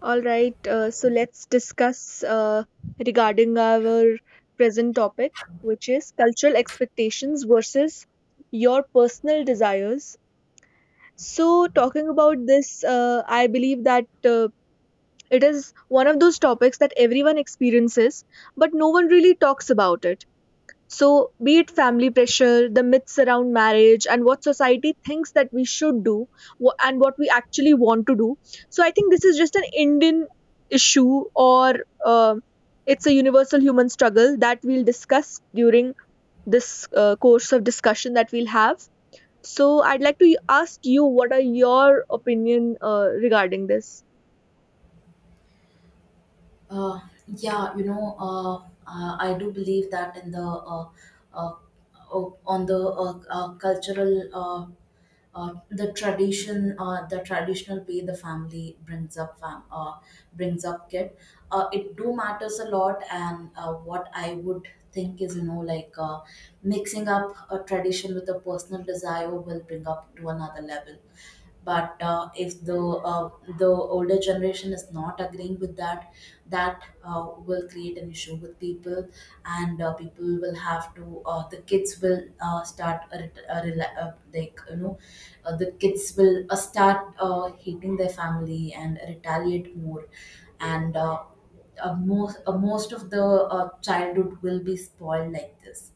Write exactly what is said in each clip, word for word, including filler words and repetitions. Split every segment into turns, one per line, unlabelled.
All right, uh, so let's discuss uh, regarding our present topic, which is cultural expectations versus your personal desires. So, talking about this, uh, I believe that uh, it is one of those topics that everyone experiences, but no one really talks about it. So, be it family pressure, the myths around marriage, and what society thinks that we should do wha- and what we actually want to do. So, I think this is just an Indian issue or uh, it's a universal human struggle that we'll discuss during this uh, course of discussion that we'll have. So, I'd like to ask you what are your opinion uh, regarding this?
Uh, yeah, you know, uh, uh, I do believe that in the uh, uh, o- on the uh, uh, cultural, uh, uh, the tradition uh, the traditional way the family brings up fam- uh, brings up kid uh, it do matters a lot, and uh, what I would think is, you know like uh, mixing up a tradition with a personal desire will bring up to another level, but uh, if the uh, the older generation is not agreeing with that, that uh, will create an issue with people. And uh, people will have to uh, the kids will uh, start a, ret- a, rela- uh, like you know uh, the kids will uh, start uh, hating their family and retaliate more, and uh, uh, most uh, most of the uh, childhood will be spoiled like this.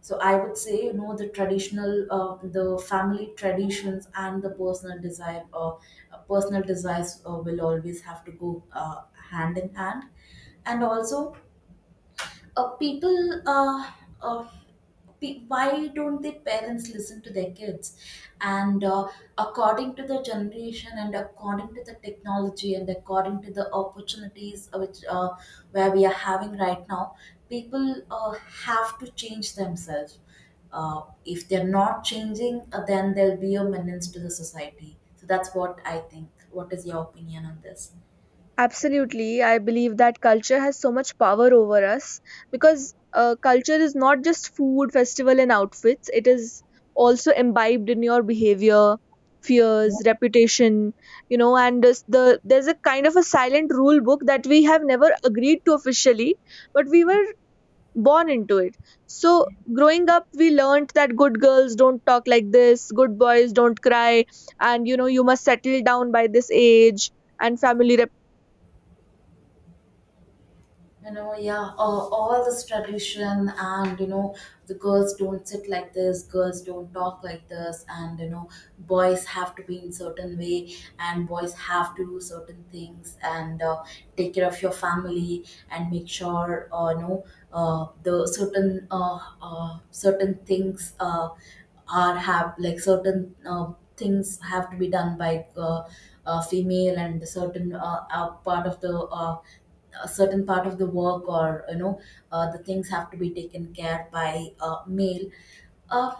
So I would say, you know, the traditional, uh, the family traditions and the personal desire, uh, uh, personal desires uh, will always have to go uh, hand in hand. And also, uh, people, uh, uh, pe- why don't the parents listen to their kids? And uh, according to the generation, and according to the technology, and according to the opportunities uh, which uh, where we are having right now, people uh, have to change themselves. uh, if they're not changing uh, then there'll be a menace to the society. So that's what I think. What is your opinion on this?
Absolutely. I believe that culture has so much power over us because uh, culture is not just food, festival, and outfits. It is also imbibed in your behavior, fears, reputation, you know, and this, the there's a kind of a silent rule book that we have never agreed to officially, but we were born into it. So growing up, we learned that good girls don't talk like this, good boys don't cry, and you know, you must settle down by this age and family.
You know, yeah, uh, all this tradition, and you know, the girls don't sit like this, girls don't talk like this, and you know, boys have to be in certain way, and boys have to do certain things, and uh, take care of your family, and make sure, uh, you know, uh, the certain uh, uh, certain things uh, are have like certain uh, things have to be done by uh, uh, female, and certain uh, uh, part of the uh, a certain part of the work, or you know, uh, the things have to be taken care by uh, male. uh,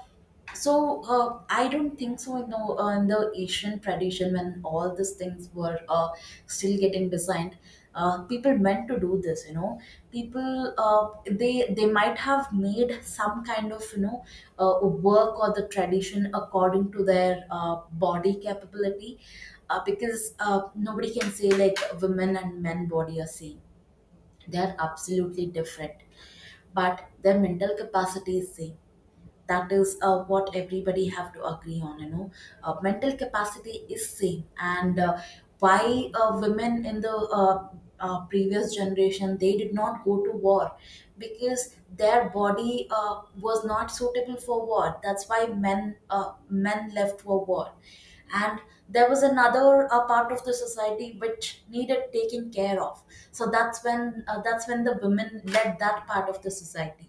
so uh, I don't think so. You know, uh, in the Asian tradition, when all these things were uh, still getting designed, uh, people meant to do this. You know, people uh, they they might have made some kind of, you know, uh, work or the tradition according to their uh, body capability, uh, because uh, nobody can say like women and men body are same. They're absolutely different, but their mental capacity is same. That is uh, what everybody have to agree on, you know. Uh, mental capacity is same. And uh, why uh, women in the uh, uh, previous generation, they did not go to war, because their body uh, was not suitable for war. That's why men uh, men left for war, and there was another uh, part of the society which needed taking care of. So that's when uh, that's when the women led that part of the society.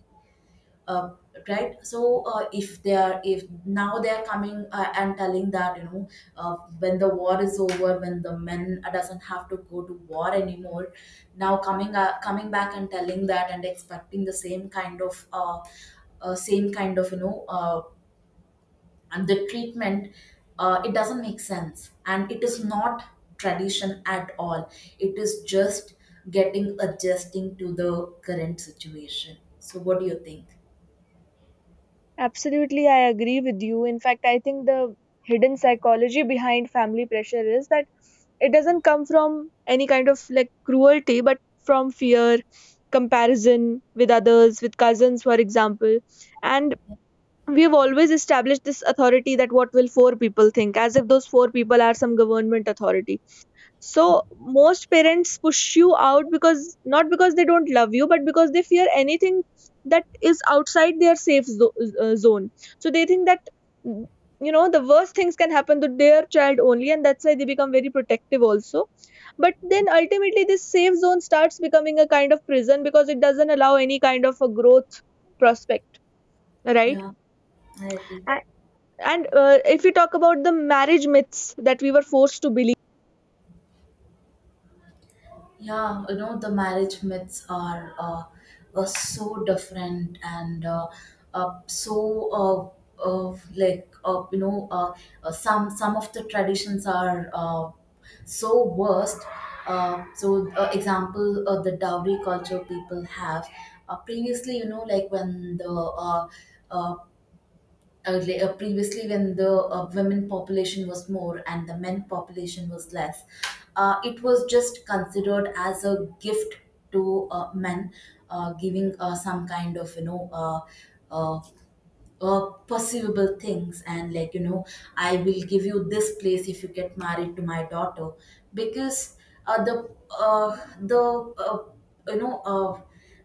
uh, right. So uh, if they are, if now they are coming uh, and telling that, you know, uh, when the war is over, when the men doesn't have to go to war anymore, now coming uh, coming back and telling that, and expecting the same kind of uh, uh, same kind of, you know, uh, and the treatment, uh, it doesn't make sense, and it is not tradition at all. It is just getting adjusting to the current situation. So what do you think?
Absolutely, I agree with you. In fact, I think the hidden psychology behind family pressure is that it doesn't come from any kind of like cruelty, but from fear, comparison with others, with cousins, for example. And we've always established this authority that what will four people think, as if those four people are some government authority. So most parents push you out because not because they don't love you, but because they fear anything that is outside their safe zo- uh, zone. So they think that mm, you know the worst things can happen to their child only, and that's why they become very protective also. But then ultimately, this safe zone starts becoming a kind of prison because it doesn't allow any kind of a growth prospect, right?
Yeah, I agree.
A- And uh, if we talk about the marriage myths that we were forced to believe.
Yeah, you know, the marriage myths are uh, are so different, and uh, uh, so uh, uh, like uh, you know uh, uh, some some of the traditions are uh, so worst. Uh, so, uh, example, uh, the dowry culture people have. Uh, previously, you know, like when the uh, uh, early- uh, previously when the uh, women population was more and the men population was less, uh, it was just considered as a gift to uh, men, uh, giving uh, some kind of, you know, uh, uh, uh, perceivable things, and like you know, I will give you this place if you get married to my daughter, because uh, the uh, the uh, you know uh,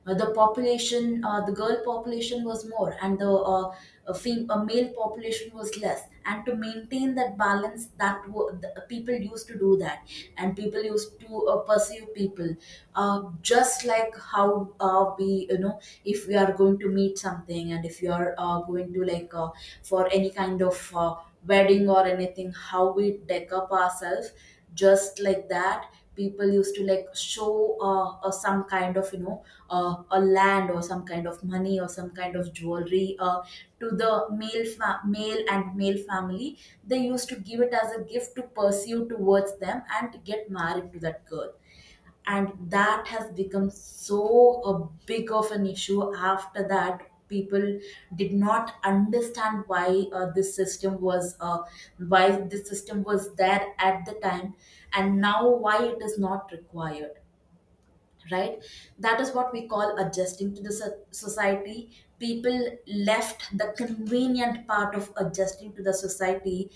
uh, the population uh, the girl population was more and the uh, a fem- a male population was less, and to maintain that balance, that w- the, people used to do that. And people used to uh, pursue people, uh, just like how, uh, be you know, if we are going to meet something, and if you are uh, going to like uh, for any kind of uh, wedding or anything, how we deck up ourselves, just like that, people used to like show uh, uh, some kind of, you know, uh, a land, or some kind of money, or some kind of jewelry, uh, to the male fa- male, and male family. They used to give it as a gift to pursue towards them and get married to that girl. And that has become so a big of an issue. After that, people did not understand why uh, this system was uh, why this system was there at the time, and now why it is not required. Right? That is what we call adjusting to the so- society. People left the convenient part of adjusting to the society.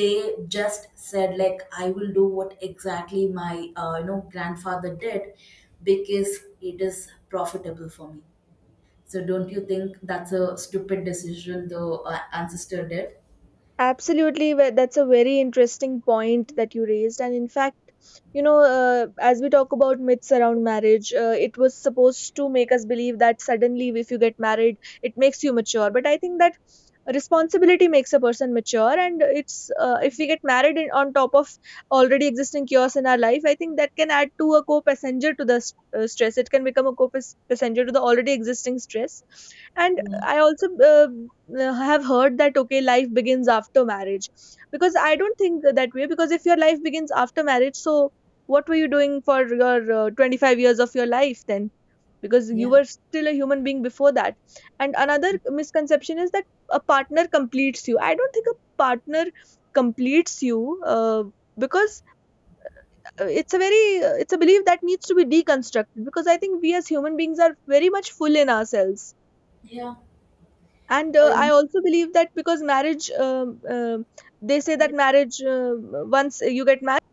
They just said like, I will do what exactly my, uh, you know, grandfather did, because it is profitable for me. So don't you think that's a stupid decision the uh, ancestor did?
Absolutely, wh- that's a very interesting point that you raised. And in fact, you know, uh, as we talk about myths around marriage, uh, it was supposed to make us believe that suddenly, if you get married, it makes you mature. But I think that responsibility makes a person mature, and it's uh, if we get married in, on top of already existing chaos in our life, I think that can add to a co-passenger to the st- uh, stress. It can become a co-passenger to the already existing stress. And
Yeah.
I also uh, uh, have heard that okay, life begins after marriage, because I don't think that way. Because if your life begins after marriage, so what were you doing for your uh, twenty-five years of your life then? Because you
Yeah,
were still a human being before that. And another misconception is that a partner completes you. I don't think a partner completes you. Uh, because uh, it's a very uh, it's a belief that needs to be deconstructed because I think we as human beings are very much full in ourselves.
yeah.
And uh,
uh,
I also believe that because marriage um, um they say
Yeah.
that marriage uh, once you get married.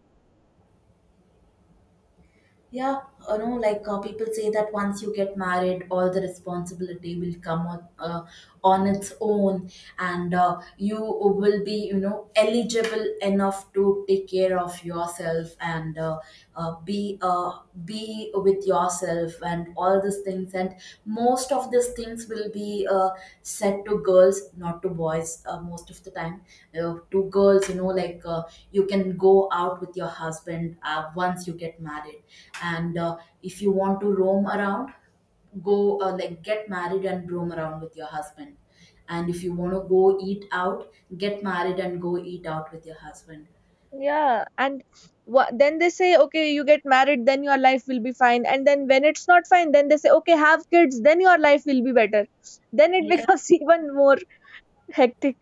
Yeah, you know, like, uh, people say that once you get married, all the responsibility will come on uh, on its own, and uh, you will be, you know, eligible enough to take care of yourself, and uh, uh, be uh, be with yourself, and all these things. And most of these things will be uh, said to girls, not to boys, uh, most of the time, uh, to girls, you know, like, uh, you can go out with your husband uh, once you get married. And uh, if you want to roam around, go uh, like get married and roam around with your husband. And if you want to go eat out, get married and go eat out with your husband.
Yeah, and wha, then they say, okay, you get married, then your life will be fine, and then when it's not fine, then they say, okay, have kids, then your life will be better, then it becomes even more hectic.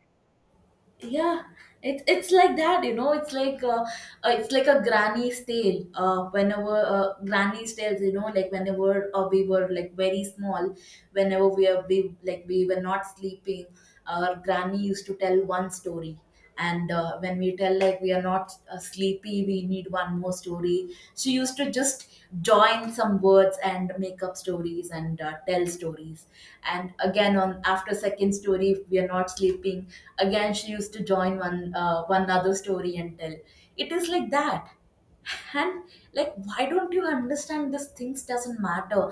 Yeah, it, it's like that, you know. It's like uh, uh, it's like a granny's tale. Uh, whenever uh, granny's tales, you know, like, whenever uh, we were like very small, whenever we are we like we were not sleeping, our granny used to tell one story. And uh, when we tell like we are not uh, sleepy, we need one more story, she used to just join some words and make up stories, and uh, tell stories. And again, on after second story, if we are not sleeping, again she used to join one uh, one other story and tell. It is like that. And like, why don't you understand this things doesn't matter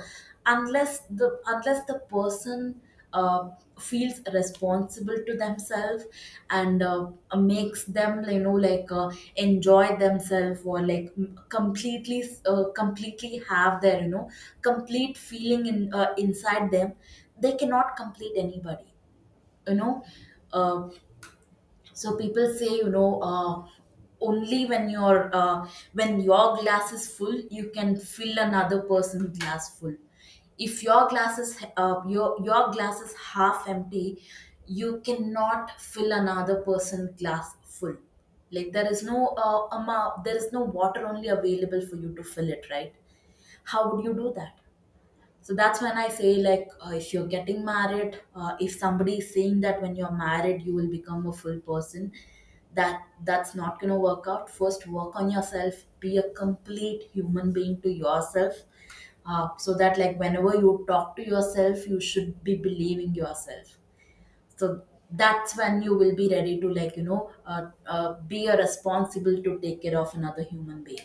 unless the, unless the person uh, feels responsible to themselves, and uh, makes them, you know, like, uh, enjoy themselves, or like m- completely uh, completely have their, you know, complete feeling in uh, inside them. They cannot complete anybody, you know. Uh, so people say, you know, uh, only when your, uh, when your glass is full, you can fill another person's glass full. If your glass is uh, your your glass is half empty, you cannot fill another person's glass full. Like there is no uh, amount, there is no water only available for you to fill it, right? How would you do that? So that's when I say, like, uh, if you're getting married, uh, if somebody is saying that when you're married, you will become a full person, that that's not going to work out. First, work on yourself, be a complete human being to yourself. Uh, so that, like, whenever you talk to yourself, you should be believing yourself. So that's when you will be ready to, like, you know, uh, uh, be a responsible to take care of another human being.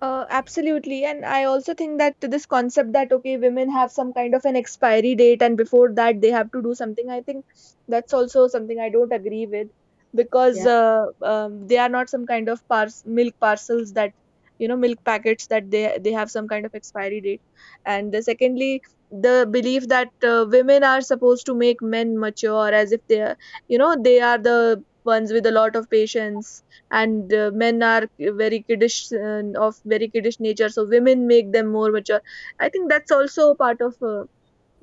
Uh, absolutely. And I also think that this concept that, okay, women have some kind of an expiry date and before that they have to do something, I think that's also something I don't agree with because
Yeah.
uh, um, they are not some kind of pars- milk parcels that, you know, milk packets that they, they have some kind of expiry date. And uh, secondly, the belief that uh, women are supposed to make men mature as if they are, you know, they are the ones with a lot of patience and uh, men are very kiddish uh, of very kiddish nature so women make them more mature. I think that's also a part of uh,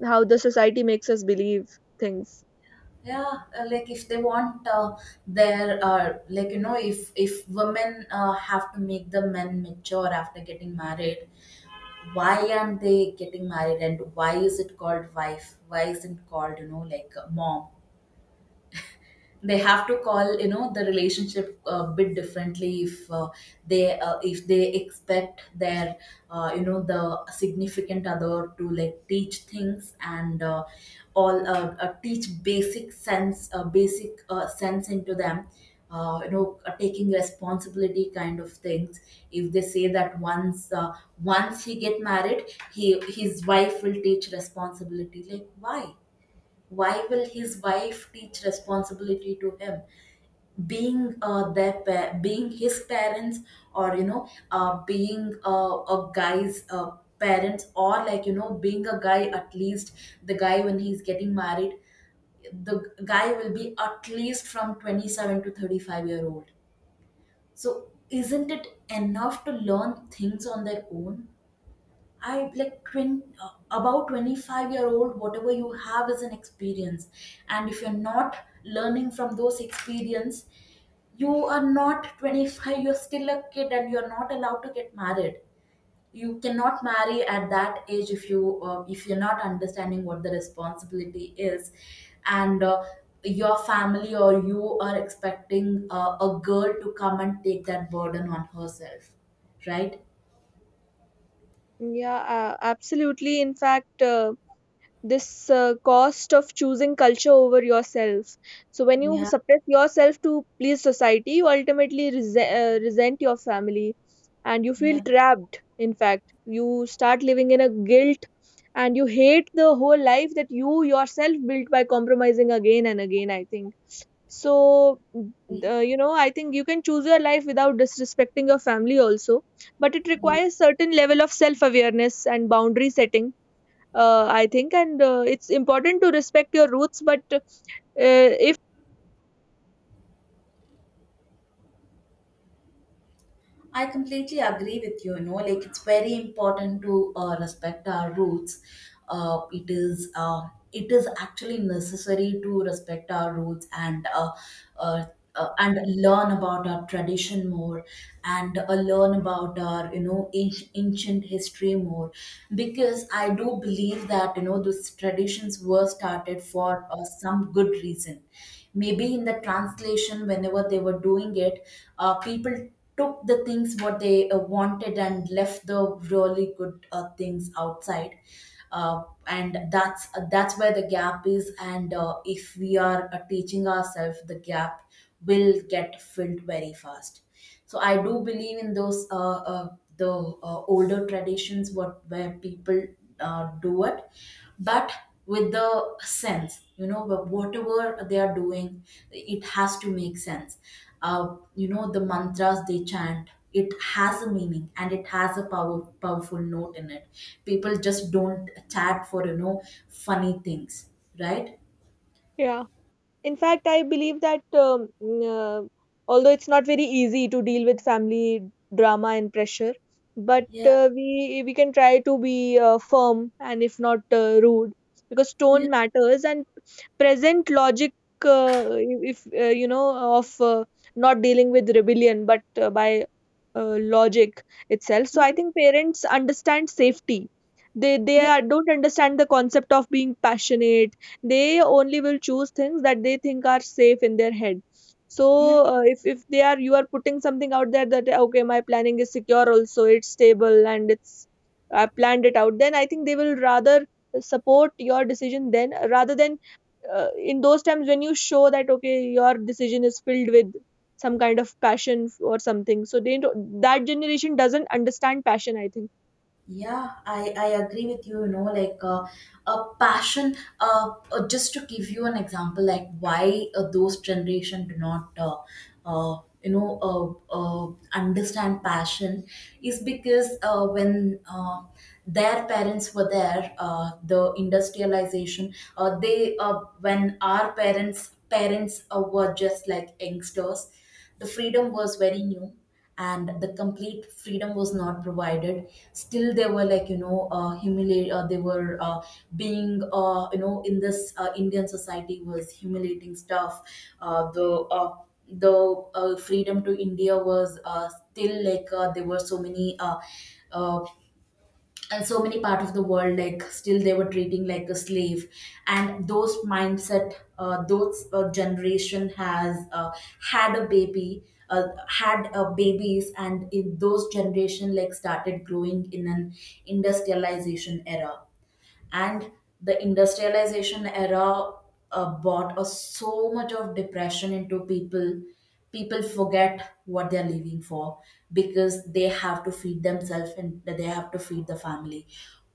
how the society makes us believe things.
Yeah. Uh, like if they want uh, their uh, like you know if if women uh, have to make the men mature after getting married, why aren't they getting married? And why is it called wife? Why isn't called you know like uh, mom? They have to call, you know the relationship a bit differently if uh, they uh, if they expect their uh, you know the significant other to like teach things, and uh, all uh, uh, teach basic sense, uh, basic uh, sense into them, uh, you know uh, taking responsibility kind of things. If they say that once uh, once he get married, he his wife will teach responsibility. Like why, why will his wife teach responsibility to him, being uh, their pa- being his parents, or you know uh, being uh, a guy's uh, parents, or, like you know being a guy at least. The guy, when he's getting married, the guy will be at least from twenty-seven to thirty-five year old. So isn't it enough to learn things on their own? I, like, twenty, uh, about twenty-five year old, whatever you have is an experience. And if you're not learning from those experience, you are not twenty-five, you're still a kid and you're not allowed to get married. You cannot marry at that age if you uh, if you're not understanding what the responsibility is, and uh, your family or you are expecting uh, a girl to come and take that burden on herself, right?
Yeah, uh, absolutely. In fact, uh, this uh, cost of choosing culture over yourself, so when you
Yeah,
suppress yourself to please society you ultimately rese- uh, resent your family, and you feel
yeah.
trapped. In fact, you start living in a guilt and you hate the whole life that you yourself built by compromising again and again, I think. So uh, you know, I think you can choose your life without disrespecting your family also, but it
Yeah.
requires certain level of self awareness and boundary setting, uh, I think. And uh, it's important to respect your roots. But uh, if,
I completely agree with you. You know, like, it's very important to uh, respect our roots. Uh, it is uh, it is actually necessary to respect our roots, and uh, uh, uh, and learn about our tradition more, and uh, learn about our you know anci- ancient history more, because I do believe that, you know those traditions were started for uh, some good reason. Maybe in the translation, whenever they were doing it, uh, people took the things what they uh, wanted and left the really good uh, things outside. Uh, and that's uh, that's where the gap is. And uh, if we are uh, teaching ourselves, the gap will get filled very fast. So I do believe in those uh, uh, the uh, older traditions, what where people uh, do it, but with the sense, you know wh- whatever they are doing, it has to make sense. Uh, you know the mantras they chant, it has a meaning and it has a power, powerful note in it. People just don't chat for, you know funny things, right?
yeah, in fact, I believe that um, mm, uh, although it's not very easy to deal with family drama and pressure, but
Yeah,
uh, we we can try to be uh, firm and if not uh, rude, because
yeah,
tone matters and present logic. Uh, if uh, you know of uh, not dealing with rebellion, but uh, by uh, logic itself. So I think parents understand safety, they they
yeah,
are, don't understand the concept of being passionate. They only will choose things that they think are safe in their head. So
yeah.
uh, if if they are you are putting something out there that okay my planning is secure, also it's stable and it's, I planned it out, then I think they will rather support your decision then rather than uh, in those times when you show that okay your decision is filled with some kind of passion or something, so they don't, that generation doesn't understand passion, I think.
Yeah, I, I agree with you. You know, like, uh, a passion. Uh, uh, just to give you an example, like why uh, those generation do not, uh, uh, you know, uh, uh, understand passion, is because uh, when uh, their parents were there, uh, the industrialization. Uh, they uh, When our parents parents uh, were just like youngsters, the freedom was very new, and the complete freedom was not provided. Still they were, like, you know uh, humiliate. Uh, they were uh, being, uh, you know in this uh, Indian society was humiliating stuff. Uh, the uh, the uh, freedom to India was uh, still, like, uh, there were so many uh, uh, and so many part of the world, like, still they were treating like a slave. And those mindset uh, those uh, generation has uh, had a baby uh, had uh, babies, and in those generation, like, started growing in an industrialization era. And the industrialization era uh, brought us so much of depression into people. People forget what they're living for, because they have to feed themselves and they have to feed the family.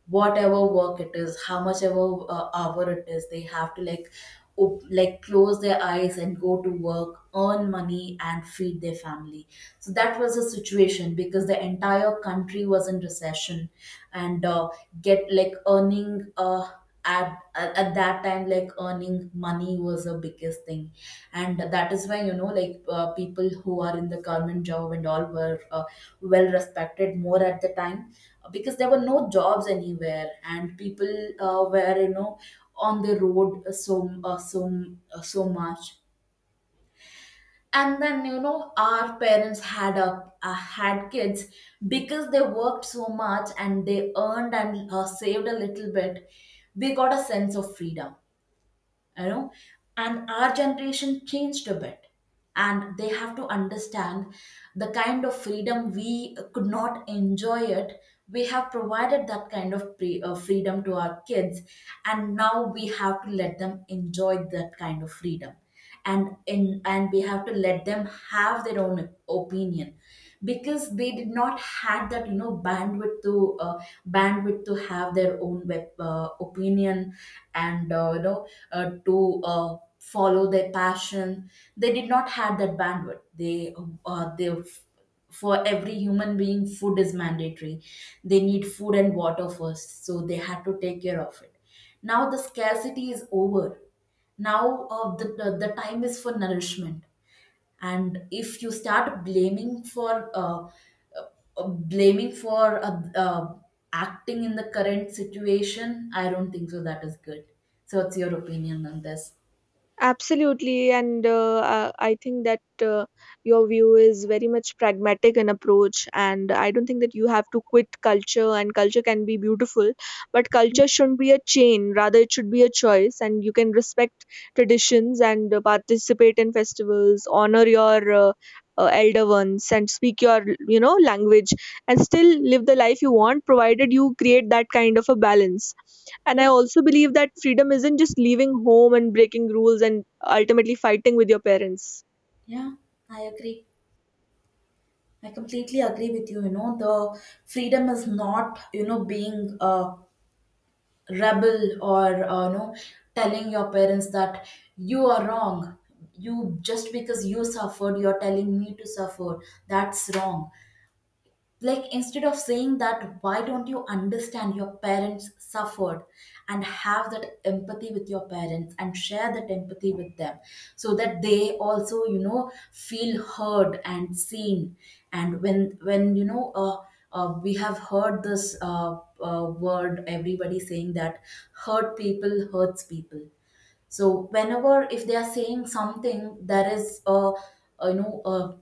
Whatever work it is, how much ever uh, hour it is, they have to, like, op- like close their eyes and go to work, earn money, and feed their family. So that was the situation, because the entire country was in recession. And uh, get like earning uh, at, at at that time, like, earning money was the biggest thing. And that is why, you know like, uh, people who are in the government job and all were uh, well respected more at the time, because there were no jobs anywhere, and people uh, were, you know on the road. So uh, so uh, so much. And then, you know our parents had a uh, had kids, because they worked so much, and they earned and uh, saved a little bit. We got a sense of freedom, you know. And our generation changed a bit, and they have to understand the kind of freedom we could not enjoy it. We have provided that kind of pre- uh, freedom to our kids, and now we have to let them enjoy that kind of freedom. And in and we have to let them have their own opinion, because they did not had that, you know bandwidth to uh, bandwidth to have their own web, uh, opinion, and uh, you know uh, to uh, follow their passion. They did not have that bandwidth. They uh, they for every human being, food is mandatory. They need food and water first, so they had to take care of it. Now the scarcity is over. Now, uh, the, the the time is for nourishment. And if you start blaming for uh, uh, blaming for uh, uh, acting in the current situation, I don't think so that is good. So what's your opinion on this?
Absolutely, and uh, uh, I think that uh, your view is very much pragmatic in approach, and I don't think that you have to quit culture. And culture can be beautiful, but
Yeah,
culture shouldn't be a chain. Rather, it should be a choice, and you can respect traditions and uh, participate in festivals, honor your uh, uh, elder ones, and speak your you know language, and still live the life you want, provided you create that kind of a balance. And I
yeah,
also believe that freedom isn't just leaving home and breaking rules and ultimately fighting with your parents.
yeah, I agree. I completely agree with you. You know, the freedom is not, you know, being a rebel, or, uh, you know, telling your parents that you are wrong. You, just because you suffered, you're telling me to suffer. That's wrong. Like, instead of saying that, why don't you understand your parents suffered, and have that empathy with your parents, and share that empathy with them so that they also, you know feel heard and seen. And when when, you know uh, uh, we have heard this uh, uh, word, everybody saying that hurt people hurts people. So whenever, if they are saying something, there is a, a you know a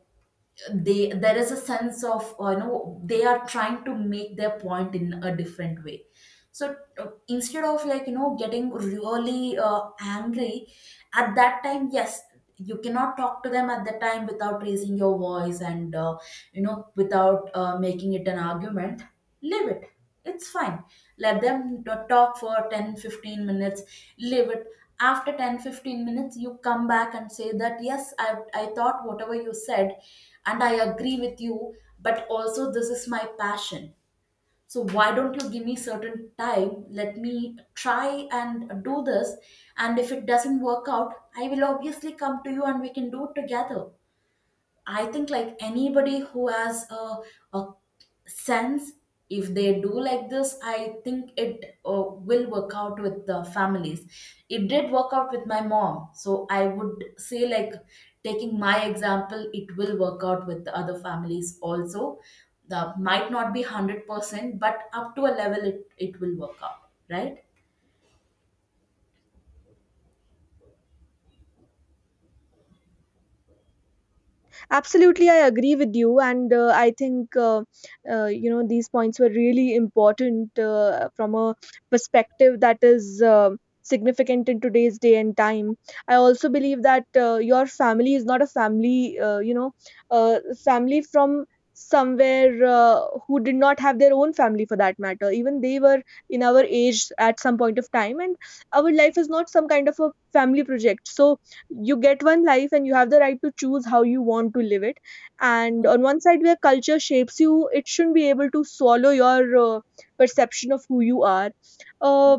they there is a sense of, uh, you know they are trying to make their point in a different way. So uh, instead of, like, you know getting really uh, angry at that time. Yes, you cannot talk to them at the time without raising your voice, and uh, you know without uh, making it an argument. Leave it, it's fine. Let them t- talk for ten fifteen minutes. Leave it. After ten fifteen minutes, you come back and say that, yes, i i thought whatever you said, and I agree with you. But also, this is my passion. So why don't you give me certain time, let me try and do this. And if it doesn't work out, I will obviously come to you, and we can do it together. I think, like, anybody who has a, a sense, if they do like this, I think it uh, will work out with the families. It did work out with my mom. So I would say, like, taking my example, it will work out with the other families also. The might not be one hundred percent, but up to a level, it, it will work out, right?
Absolutely, I agree with you, and uh, I think uh, uh, you know these points were really important uh, from a perspective that is uh, significant in today's day and time. I also believe that uh, your family is not a family, uh, you know, uh, family from somewhere uh, who did not have their own family for that matter. Even they were in our age at some point of time, and our life is not some kind of a family project. So you get one life and you have the right to choose how you want to live it, and on one side where culture shapes you it shouldn't be able to swallow your uh, perception of who you are, uh,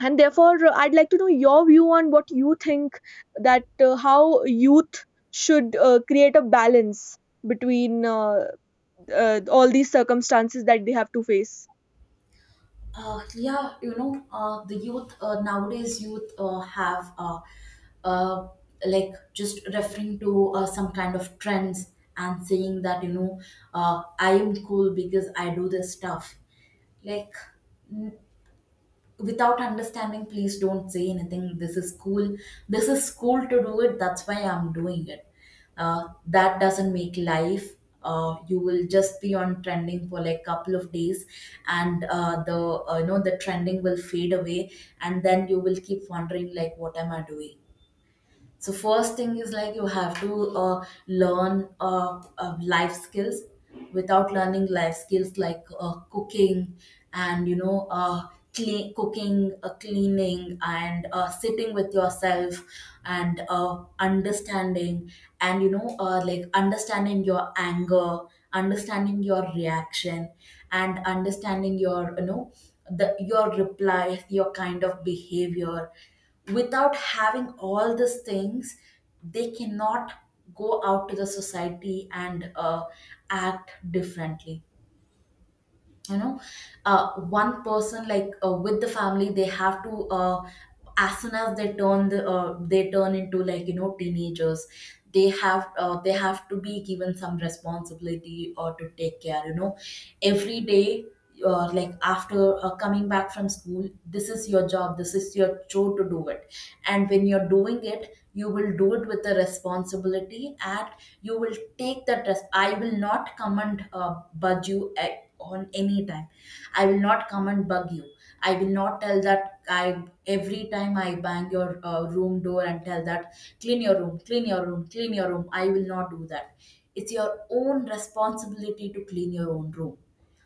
and therefore uh, I'd like to know your view on what you think that uh, how youth should uh, create a balance between uh, uh, all these circumstances that they have to face.
Uh, yeah, you know, uh, the youth uh, nowadays, youth uh, have uh, uh, like, just referring to uh, some kind of trends, and saying that, you know, uh, I am cool because I do this stuff. Like, without understanding, please don't say anything, this is cool, this is cool to do it, that's why I'm doing it. Uh, that doesn't make life. Uh, you will just be on trending for, like, couple of days, and uh, the uh, you know the trending will fade away, and then you will keep wondering, like, what am I doing. So first thing is, like, you have to uh, learn, uh, uh, life skills. Without learning life skills like uh, cooking, and you know uh, clean cooking, uh, cleaning, and uh, sitting with yourself, and uh, understanding, and you know uh, like understanding your anger, understanding your reaction, and understanding your you know the your replies, your kind of behavior. Without having all these things, they cannot go out to the society and uh, act differently, you know. Uh, one person, like, uh, with the family, they have to, uh, as soon as they turn the, uh, they turn into, like, you know teenagers, they have uh, they have to be given some responsibility or to take care, you know, every day. Uh, like, after uh, coming back from school, this is your job, this is your chore to do it, and when you're doing it you will do it with the responsibility. And you will take that res- I will not come and uh, budge you at, on any time, I will not come and bug you. I will not tell that, I every time I bang your uh, room door and tell that, clean your room, clean your room, clean your room, I will not do that. It's your own responsibility to clean your own room.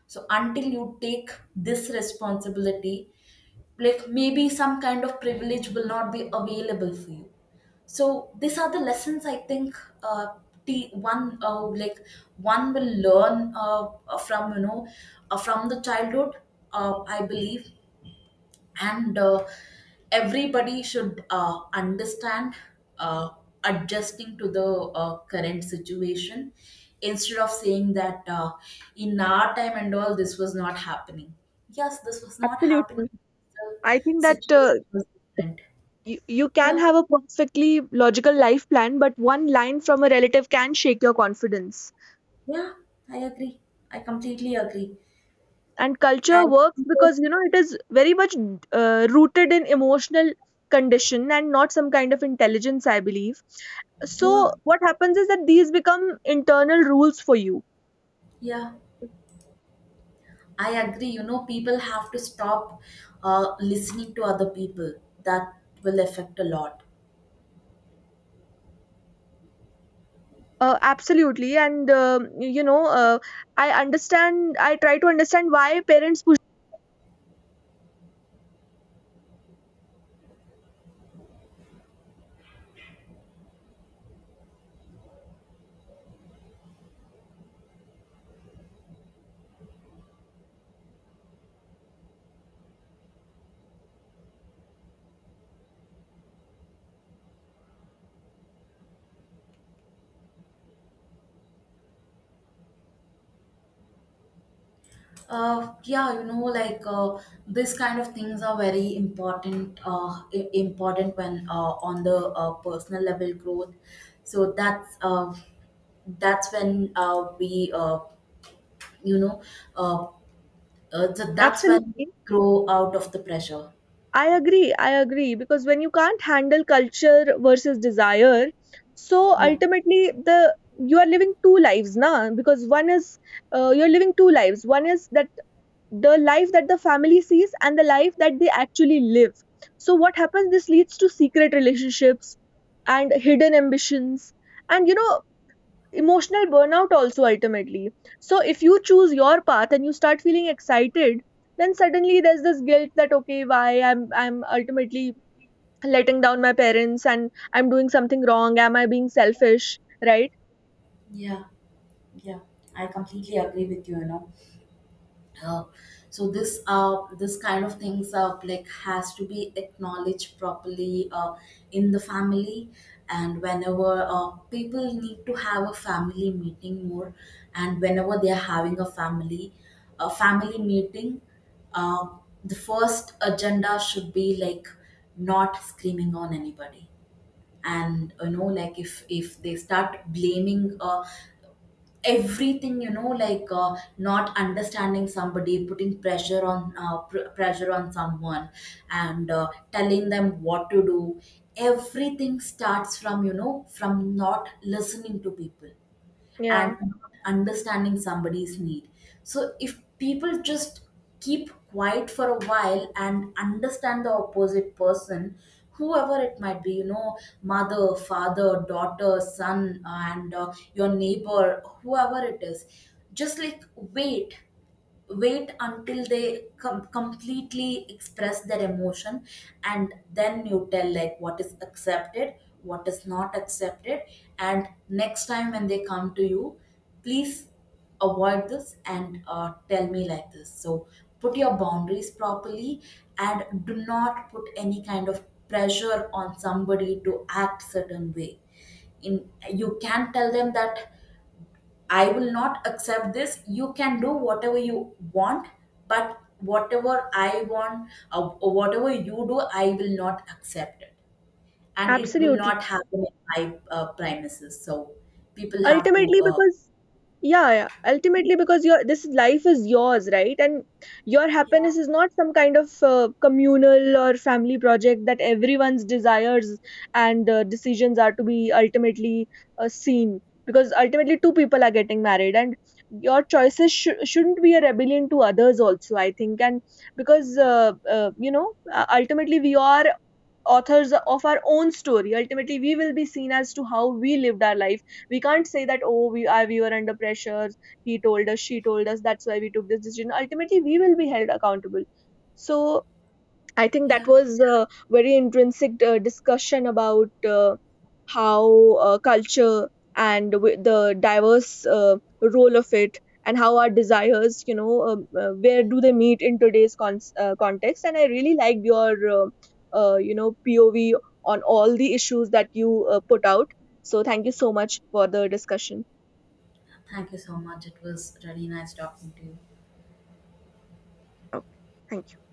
So until you take this responsibility, like, maybe some kind of privilege will not be available for you. So these are the lessons, I think, uh, the one uh, like one will learn, uh, from you know uh, from the childhood. Uh, I believe. And uh, everybody should uh, understand uh, adjusting to the uh, current situation, instead of saying that, uh, in our time and all this was not happening. Yes, this was not
Absolutely.
happening. The
I think that uh,
situation was different.
you, you can
Yeah,
have a perfectly logical life plan, but one line from a relative can shake your confidence.
yeah, I agree, I completely agree.
And culture
And
works
people-
because you know it is very much uh, rooted in emotional condition and not some kind of intelligence, I believe. So
yeah,
what happens is that these become internal rules for you.
yeah, I agree. You know, people have to stop uh, listening to other people, that will affect a lot.
Uh, absolutely. And um, you know, uh, I understand, I try to understand why parents push.
Uh, yeah, you know, like, uh, this kind of things are very important. Uh, i- important when, uh, on the uh, personal level growth. So that's uh, that's when uh, we uh, you know uh, uh, so that's when we
Absolutely,
grow out of the pressure.
I agree, I agree. Because when you can't handle culture versus desire, so
Yeah.
ultimately the you are living two lives now because one is uh, you're living two lives, one is that the life that the family sees and the life that they actually live. So what happens, this leads to secret relationships and hidden ambitions and you know emotional burnout also ultimately. So if you choose your path and you start feeling excited, then suddenly there's this guilt that okay why i'm i'm ultimately letting down my parents and I'm doing something wrong, am I being selfish, right?
Yeah, yeah, I completely agree with you, you know. uh, so this uh, this kind of things uh, like has to be acknowledged properly uh, in the family, and whenever uh, people need to have a family meeting more. And whenever they are having a family a family meeting, uh, the first agenda should be like, not screaming on anybody. And, you know like, if if they start blaming uh, everything, you know, like, uh, not understanding, somebody putting pressure on uh, pr- pressure on someone, and uh, telling them what to do. Everything starts from, you know from not listening to people
Yeah,
and understanding somebody's need. So if people just keep quiet for a while and understand the opposite person, whoever it might be, you know, mother, father, daughter, son, uh, and uh, your neighbor, whoever it is, just, like, wait, wait until they com- completely express their emotion, and then you tell, like, what is accepted, what is not accepted, and next time when they come to you, please avoid this and uh, tell me like this. So put your boundaries properly, and do not put any kind of pressure on somebody to act certain way. In You can tell them that, I will not accept this. You can do whatever you want, but whatever I want, uh, or whatever you do, I will not accept it. And it will
absolutely,
not happen in my uh, premises. So people have to,
ultimately
uh,
because, Yeah, yeah. ultimately, because your this life is yours, right? And your
yeah.
happiness is not some kind of uh, communal or family project that everyone's desires and uh, decisions are to be ultimately uh, seen. Because ultimately, two people are getting married, and your choices sh- shouldn't be a rebellion to others. Also, I think, and because uh, uh, you know, uh, ultimately, we are authors of our own story. Ultimately we will be seen as to how we lived our life. We can't say that oh we are we were under pressure, he told us, she told us, that's why we took this decision. Ultimately we will be held accountable. So I think that
Yeah.
was a very intrinsic uh, discussion about uh, how uh, culture and wi- the diverse uh, role of it, and how our desires, you know, um, uh, where do they meet in today's con- uh, context. And I really liked your, uh, uh, you know, P O V on all the issues that you uh, put out. So thank you so much for the discussion.
Thank you so much. It was really nice talking to you.
Okay, thank you.